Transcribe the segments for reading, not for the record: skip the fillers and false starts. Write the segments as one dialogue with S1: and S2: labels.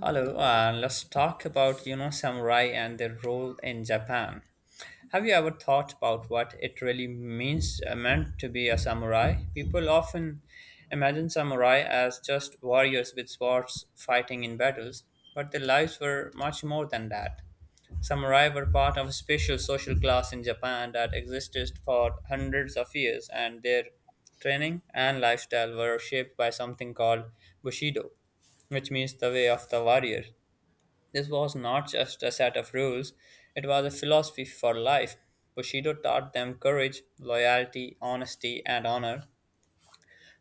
S1: Hello, let's talk about samurai and their role in Japan. Have you ever thought about what it really means meant to be a samurai? People often imagine samurai as just warriors with swords fighting in battles, but their lives were much more than that. Samurai were part of a special social class in Japan that existed for hundreds of years, and their training and lifestyle were shaped by something called Bushido, which means the way of the warrior. This was not just a set of rules, it was a philosophy for life. Bushido taught them courage, loyalty, honesty, and honor.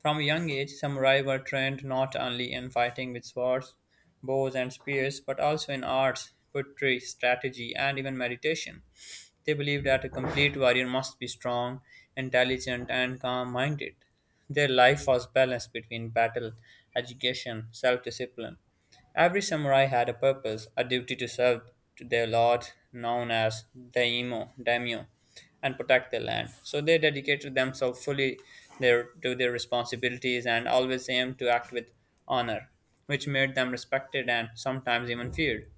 S1: From a young age, samurai were trained not only in fighting with swords, bows, and spears, but also in arts, poetry, strategy, and even meditation. They believed that a complete warrior must be strong, intelligent, and calm minded. Their life was balanced between battle, education, self discipline. Every samurai had a purpose, a duty to serve to their lord, known as daimyo, and protect their land. So they dedicated themselves fully to their responsibilities and always aimed to act with honor, which made them respected and sometimes even feared.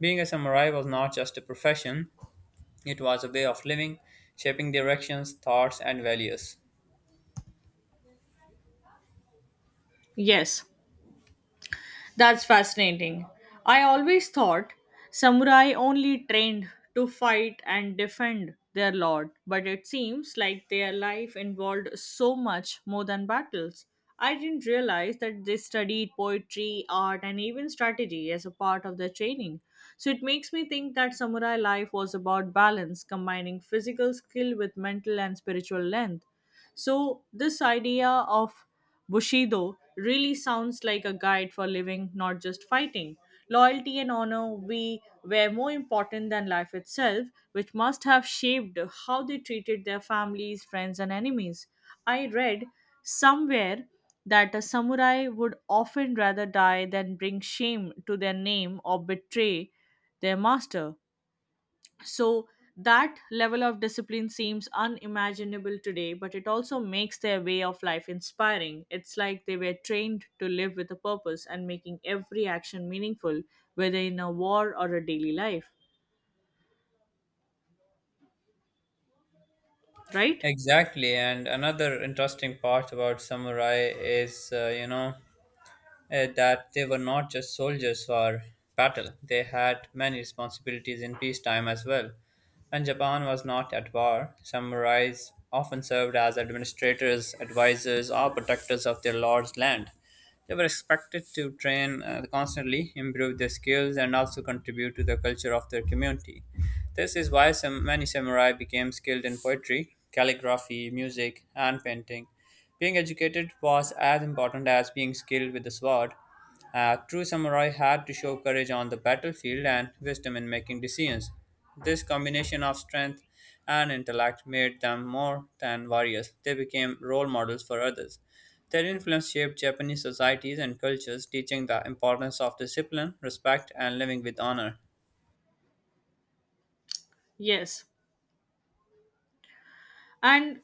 S1: Being a samurai was not just a profession, it was a way of living, shaping directions, thoughts, and values.
S2: Yes, that's fascinating. I always thought samurai only trained to fight and defend their lord, but it seems like their life involved so much more than battles. I didn't realize that they studied poetry, art, and even strategy as a part of their training. So it makes me think that samurai life was about balance, combining physical skill with mental and spiritual length. So, this idea of Bushido really sounds like a guide for living, not just fighting. Loyalty and honor we were more important than life itself, which must have shaped how they treated their families, friends, and enemies. I read somewhere that a samurai would often rather die than bring shame to their name or betray their master. So that level of discipline seems unimaginable today, but it also makes their way of life inspiring. It's like they were trained to live with a purpose and making every action meaningful, whether in a war or a daily life, right?
S1: Exactly, and another interesting part about samurai is that they were not just soldiers for battle, they had many responsibilities in peacetime as well. When Japan was not at war, samurais often served as administrators, advisors, or protectors of their lord's land. They were expected to train constantly, improve their skills, and also contribute to the culture of their community. This is why many samurai became skilled in poetry, calligraphy, music, and painting. Being educated was as important as being skilled with the sword. A true samurai had to show courage on the battlefield and wisdom in making decisions. This combination of strength and intellect made them more than warriors. They became role models for others. Their influence shaped Japanese societies and cultures, teaching the importance of discipline, respect, and living with honor.
S2: Yes. And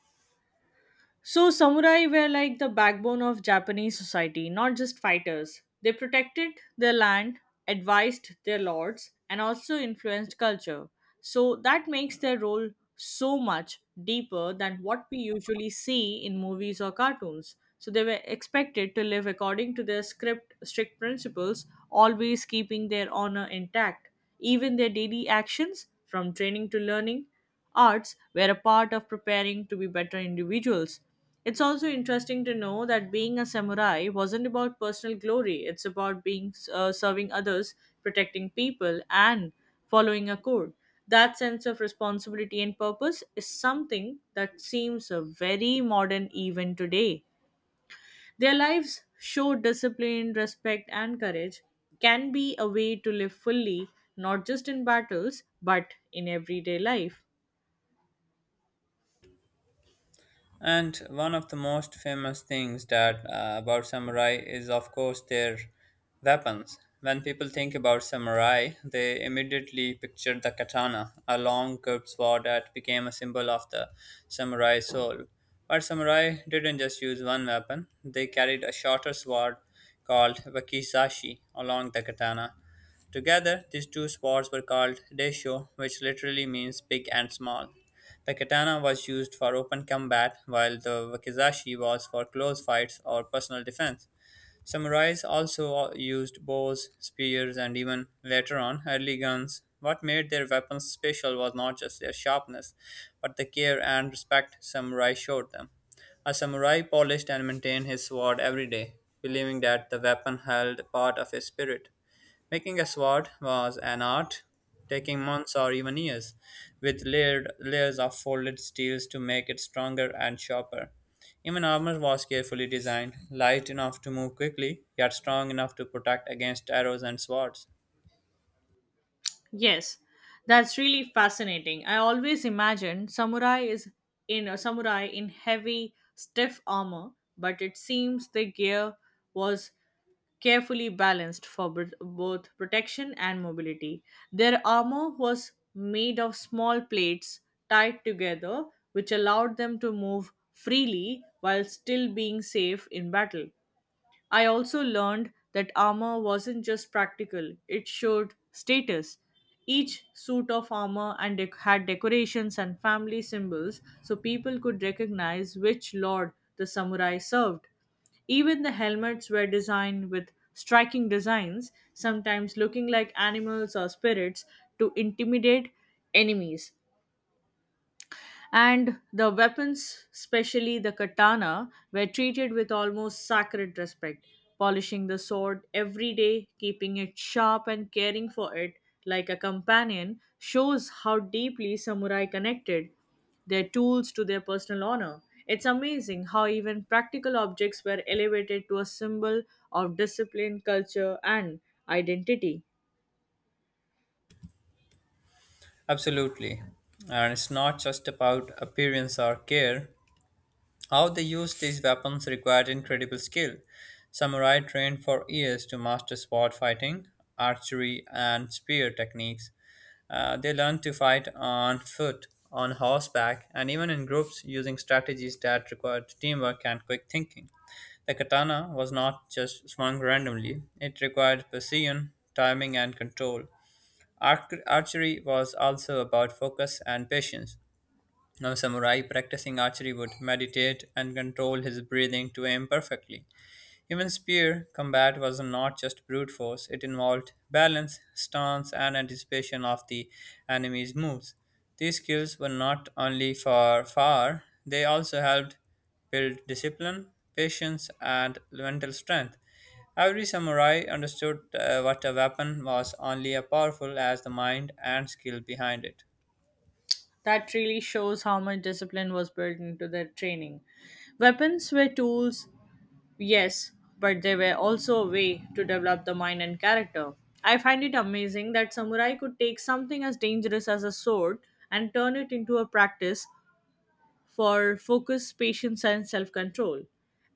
S2: so, samurai were like the backbone of Japanese society, not just fighters. They protected their land, advised their lords, and also influenced culture. So, that makes their role so much deeper than what we usually see in movies or cartoons. So, they were expected to live according to their strict principles, always keeping their honor intact. Even their daily actions, from training to learning, arts were a part of preparing to be better individuals. It's also interesting to know that being a samurai wasn't about personal glory, it's about being serving others, protecting people, and following a code. That sense of responsibility and purpose is something that seems very modern even today. Their lives show discipline, respect, and courage can be a way to live fully, not just in battles, but in everyday life.
S1: And one of the most famous things that about samurai is, of course, their weapons. When people think about samurai, they immediately picture the katana, a long curved sword that became a symbol of the samurai soul. But samurai didn't just use one weapon; they carried a shorter sword called wakizashi along the katana. Together, these two swords were called "daisho," which literally means big and small. The katana was used for open combat, while the wakizashi was for close fights or personal defense. Samurais also used bows, spears, and even later on, early guns. What made their weapons special was not just their sharpness, but the care and respect samurai showed them. A samurai polished and maintained his sword every day, believing that the weapon held part of his spirit. Making a sword was an art, taking months or even years, with layered layers of folded steels to make it stronger and sharper. Even armor was carefully designed, light enough to move quickly, yet strong enough to protect against arrows and swords.
S2: Yes, that's really fascinating. I always imagine samurai in heavy, stiff armor, but it seems the gear was carefully balanced for both protection and mobility. Their armor was made of small plates tied together, which allowed them to move freely while still being safe in battle. I also learned that armor wasn't just practical, it showed status. Each suit of armor had decorations and family symbols so people could recognize which lord the samurai served. Even the helmets were designed with striking designs, sometimes looking like animals or spirits to intimidate enemies. And the weapons, especially the katana, were treated with almost sacred respect; polishing the sword every day, keeping it sharp, and caring for it like a companion shows how deeply samurai connected their tools to their personal honor. It's amazing how even practical objects were elevated to a symbol of discipline, culture, and identity.
S1: Absolutely. And it's not just about appearance or care. How they used these weapons required incredible skill. Samurai trained for years to master sword fighting, archery, and spear techniques. They learn to fight on foot, on horseback, and even in groups using strategies that required teamwork and quick thinking. The katana was not just swung randomly, it required precision, timing, and control. Archery was also about focus and patience. Now, samurai practicing archery would meditate and control his breathing to aim perfectly. Even spear combat was not just brute force, it involved balance, stance, and anticipation of the enemy's moves. These skills were not only for far, they also helped build discipline, patience, and mental strength. Every samurai understood what a weapon was only as powerful as the mind and skill behind it.
S2: That really shows how much discipline was built into their training. Weapons were tools, yes, but they were also a way to develop the mind and character. I find it amazing that samurai could take something as dangerous as a sword and turn it into a practice for focus, patience, and self control.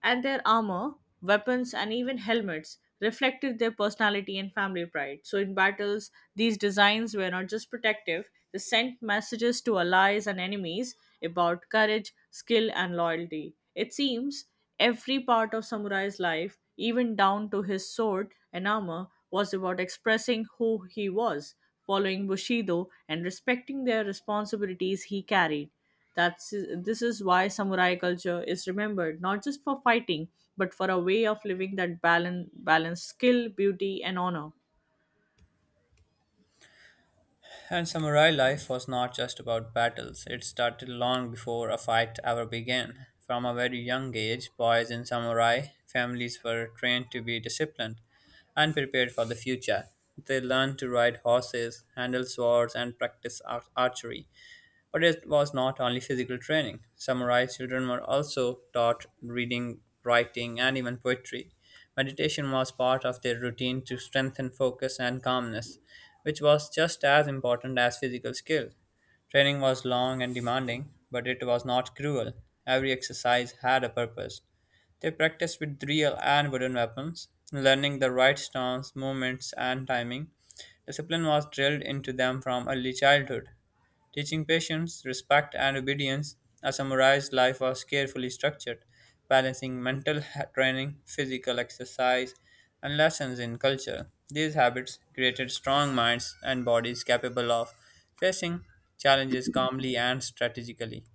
S2: And their armor, weapons, and even helmets reflected their personality and family pride. So, in battles, these designs were not just protective, they sent messages to allies and enemies about courage, skill, and loyalty. It seems every part of Samurai's life, even down to his sword and armor, was about expressing who he was, following Bushido and respecting their responsibilities he carried. That's this is why samurai culture is remembered not just for fighting, but for a way of living that balance skill, beauty, and honor.
S1: And samurai life was not just about battles, it started long before a fight ever began. From a very young age, boys in samurai families were trained to be disciplined and prepared for the future. They learned to ride horses, handle swords, and practice archery. But it was not only physical training. Samurai children were also taught reading, writing, and even poetry. Meditation was part of their routine to strengthen focus and calmness, which was just as important as physical skill. Training was long and demanding, but it was not cruel. Every exercise had a purpose. They practiced with real and wooden weapons, learning the right stance, movements, and timing. Discipline was drilled into them from early childhood, teaching patience, respect, and obedience. A samurai's life was carefully structured, balancing mental training, physical exercise, and lessons in culture. These habits created strong minds and bodies capable of facing challenges calmly and strategically.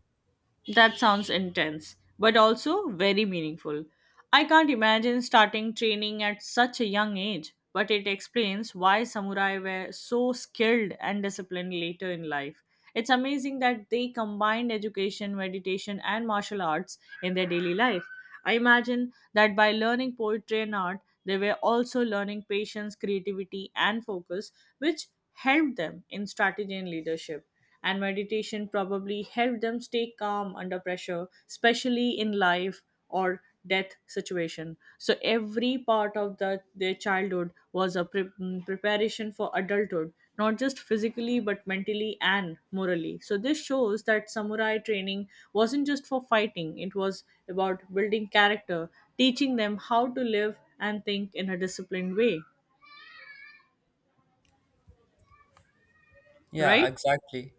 S2: That sounds intense, but also very meaningful. I can't imagine starting training at such a young age, but it explains why samurai were so skilled and disciplined later in life. It's amazing that they combined education, meditation, and martial arts in their daily life. I imagine that by learning poetry and art, they were also learning patience, creativity, and focus, which helped them in strategy and leadership. And meditation probably helped them stay calm under pressure, especially in life or death situation. So every part of their childhood was a preparation for adulthood, not just physically but mentally and morally. So, this shows that samurai training wasn't just for fighting, it was about building character, teaching them how to live and think in a disciplined way,
S1: Yeah,
S2: right?
S1: exactly.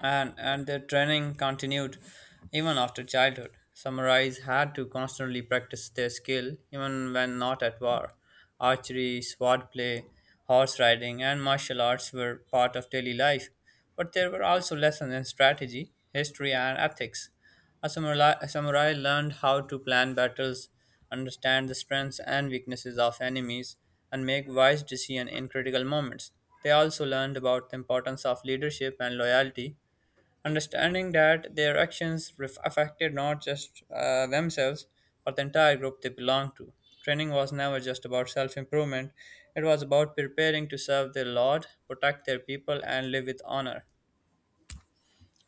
S1: And their training continued even after childhood. Samurais had to constantly practice their skill even when not at war. Archery, swordplay, horse riding, and martial arts were part of daily life. But there were also lessons in strategy, history, and ethics. A samurai learned how to plan battles, understand the strengths and weaknesses of enemies, and make wise decisions in critical moments. They also learned about the importance of leadership and loyalty, understanding that their actions affected not just themselves but the entire group they belonged to. Training was never just about self improvement, it was about preparing to serve their Lord, protect their people, and live with honor.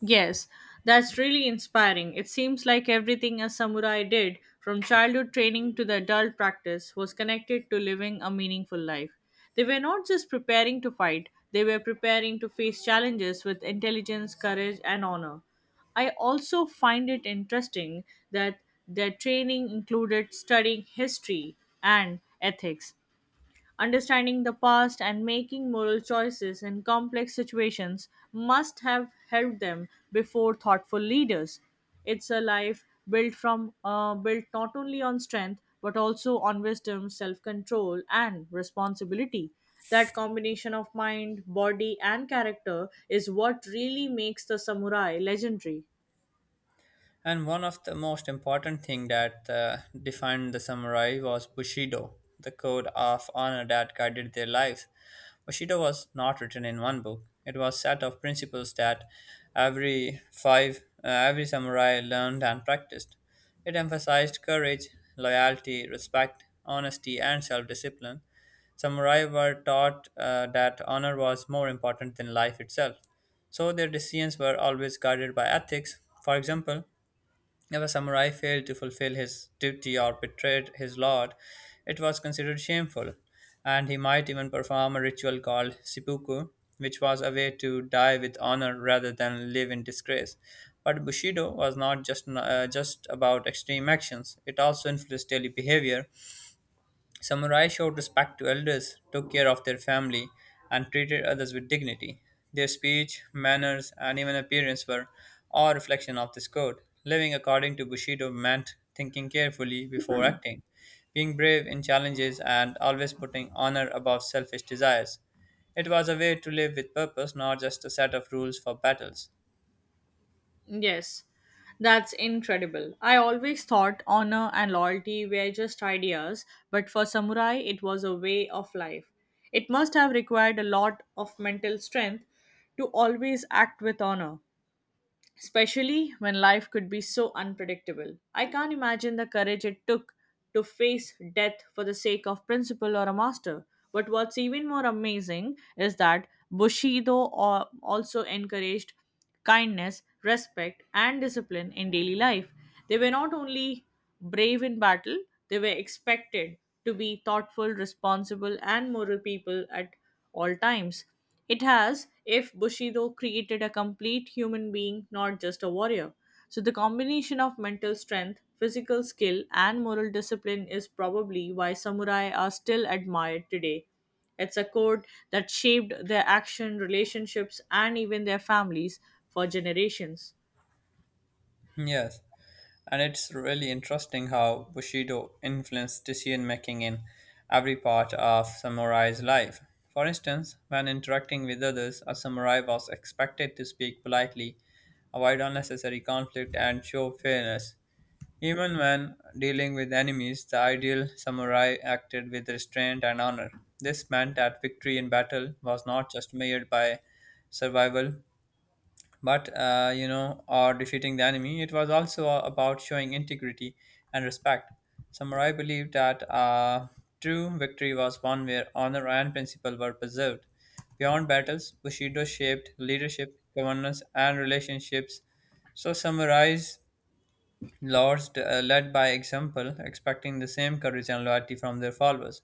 S2: Yes, that's really inspiring. It seems like everything a samurai did, from childhood training to the adult practice, was connected to living a meaningful life. They were not just preparing to fight, they were preparing to face challenges with intelligence, courage, and honor. I also find it interesting that their training included studying history and ethics. Understanding the past and making moral choices in complex situations must have helped them before thoughtful leaders. It's a life built not only on strength but also on wisdom, self-control, and responsibility. That combination of mind, body, and character is what really makes the samurai legendary.
S1: And one of the most important thing that defined the samurai was Bushido, the code of honor that guided their lives. Bushido was not written in one book. It was a set of principles that every samurai learned and practiced. It emphasized courage, loyalty, respect, honesty, and self-discipline. Samurai were taught that honor was more important than life itself, so their decisions were always guided by ethics. For example, if a samurai failed to fulfill his duty or betrayed his lord, it was considered shameful, and he might even perform a ritual called seppuku, which was a way to die with honor rather than live in disgrace. But Bushido was not just about extreme actions, it also influenced daily behavior. Samurai showed respect to elders, took care of their family, and treated others with dignity. Their speech, manners, and even appearance were all reflection of this code. Living according to Bushido meant thinking carefully before acting, being brave in challenges, and always putting honor above selfish desires. It was a way to live with purpose, not just a set of rules for battles.
S2: Yes, that's incredible. I always thought honor and loyalty were just ideas, but for samurai, it was a way of life. It must have required a lot of mental strength to always act with honor, especially when life could be so unpredictable. I can't imagine the courage it took to face death for the sake of principle or a master. But what's even more amazing is that Bushido also encouraged kindness, respect, and discipline in daily life. They were not only brave in battle, they were expected to be thoughtful, responsible, and moral people at all times. It has, if Bushido created a complete human being, not just a warrior. So, the combination of mental strength, physical skill, and moral discipline is probably why samurai are still admired today. It's a code that shaped their action, relationships, and even their families for generations.
S1: Yes. And it's really interesting how Bushido influenced decision making in every part of samurai's life. For instance, when interacting with others, a samurai was expected to speak politely, avoid unnecessary conflict, and show fairness. Even when dealing with enemies, the ideal samurai acted with restraint and honor. This meant that victory in battle was not just measured by survival but or defeating the enemy, it was also about showing integrity and respect. Samurai believed that true victory was one where honor and principle were preserved beyond battles. Bushido shaped leadership, governance, and relationships, so samurai's lords led by example, expecting the same courage and loyalty from their followers.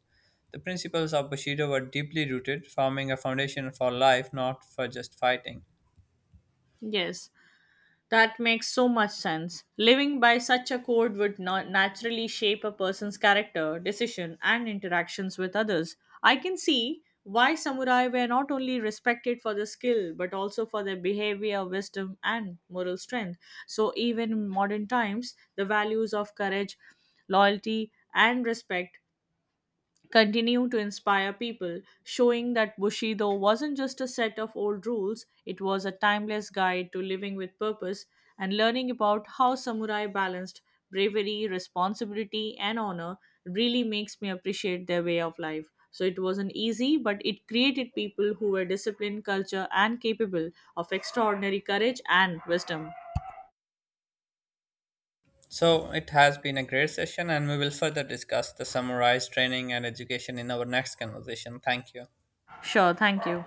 S1: The principles of Bushido were deeply rooted, forming a foundation for life, not for just fighting.
S2: Yes, that makes so much sense. Living by such a code would not naturally shape a person's character, decision, and interactions with others. I can see why samurai were not only respected for their skill but also for their behavior, wisdom, and moral strength. So, even in modern times, the values of courage, loyalty, and respect continue to inspire people, showing that Bushido wasn't just a set of old rules, it was a timeless guide to living with purpose, and learning about how samurai balanced bravery, responsibility, and honor really makes me appreciate their way of life. So it wasn't easy, but it created people who were disciplined, culture, and capable of extraordinary courage and wisdom.
S1: So it has been a great session, and we will further discuss the summarized training and education in our next conversation. Thank you.
S2: Sure, thank you.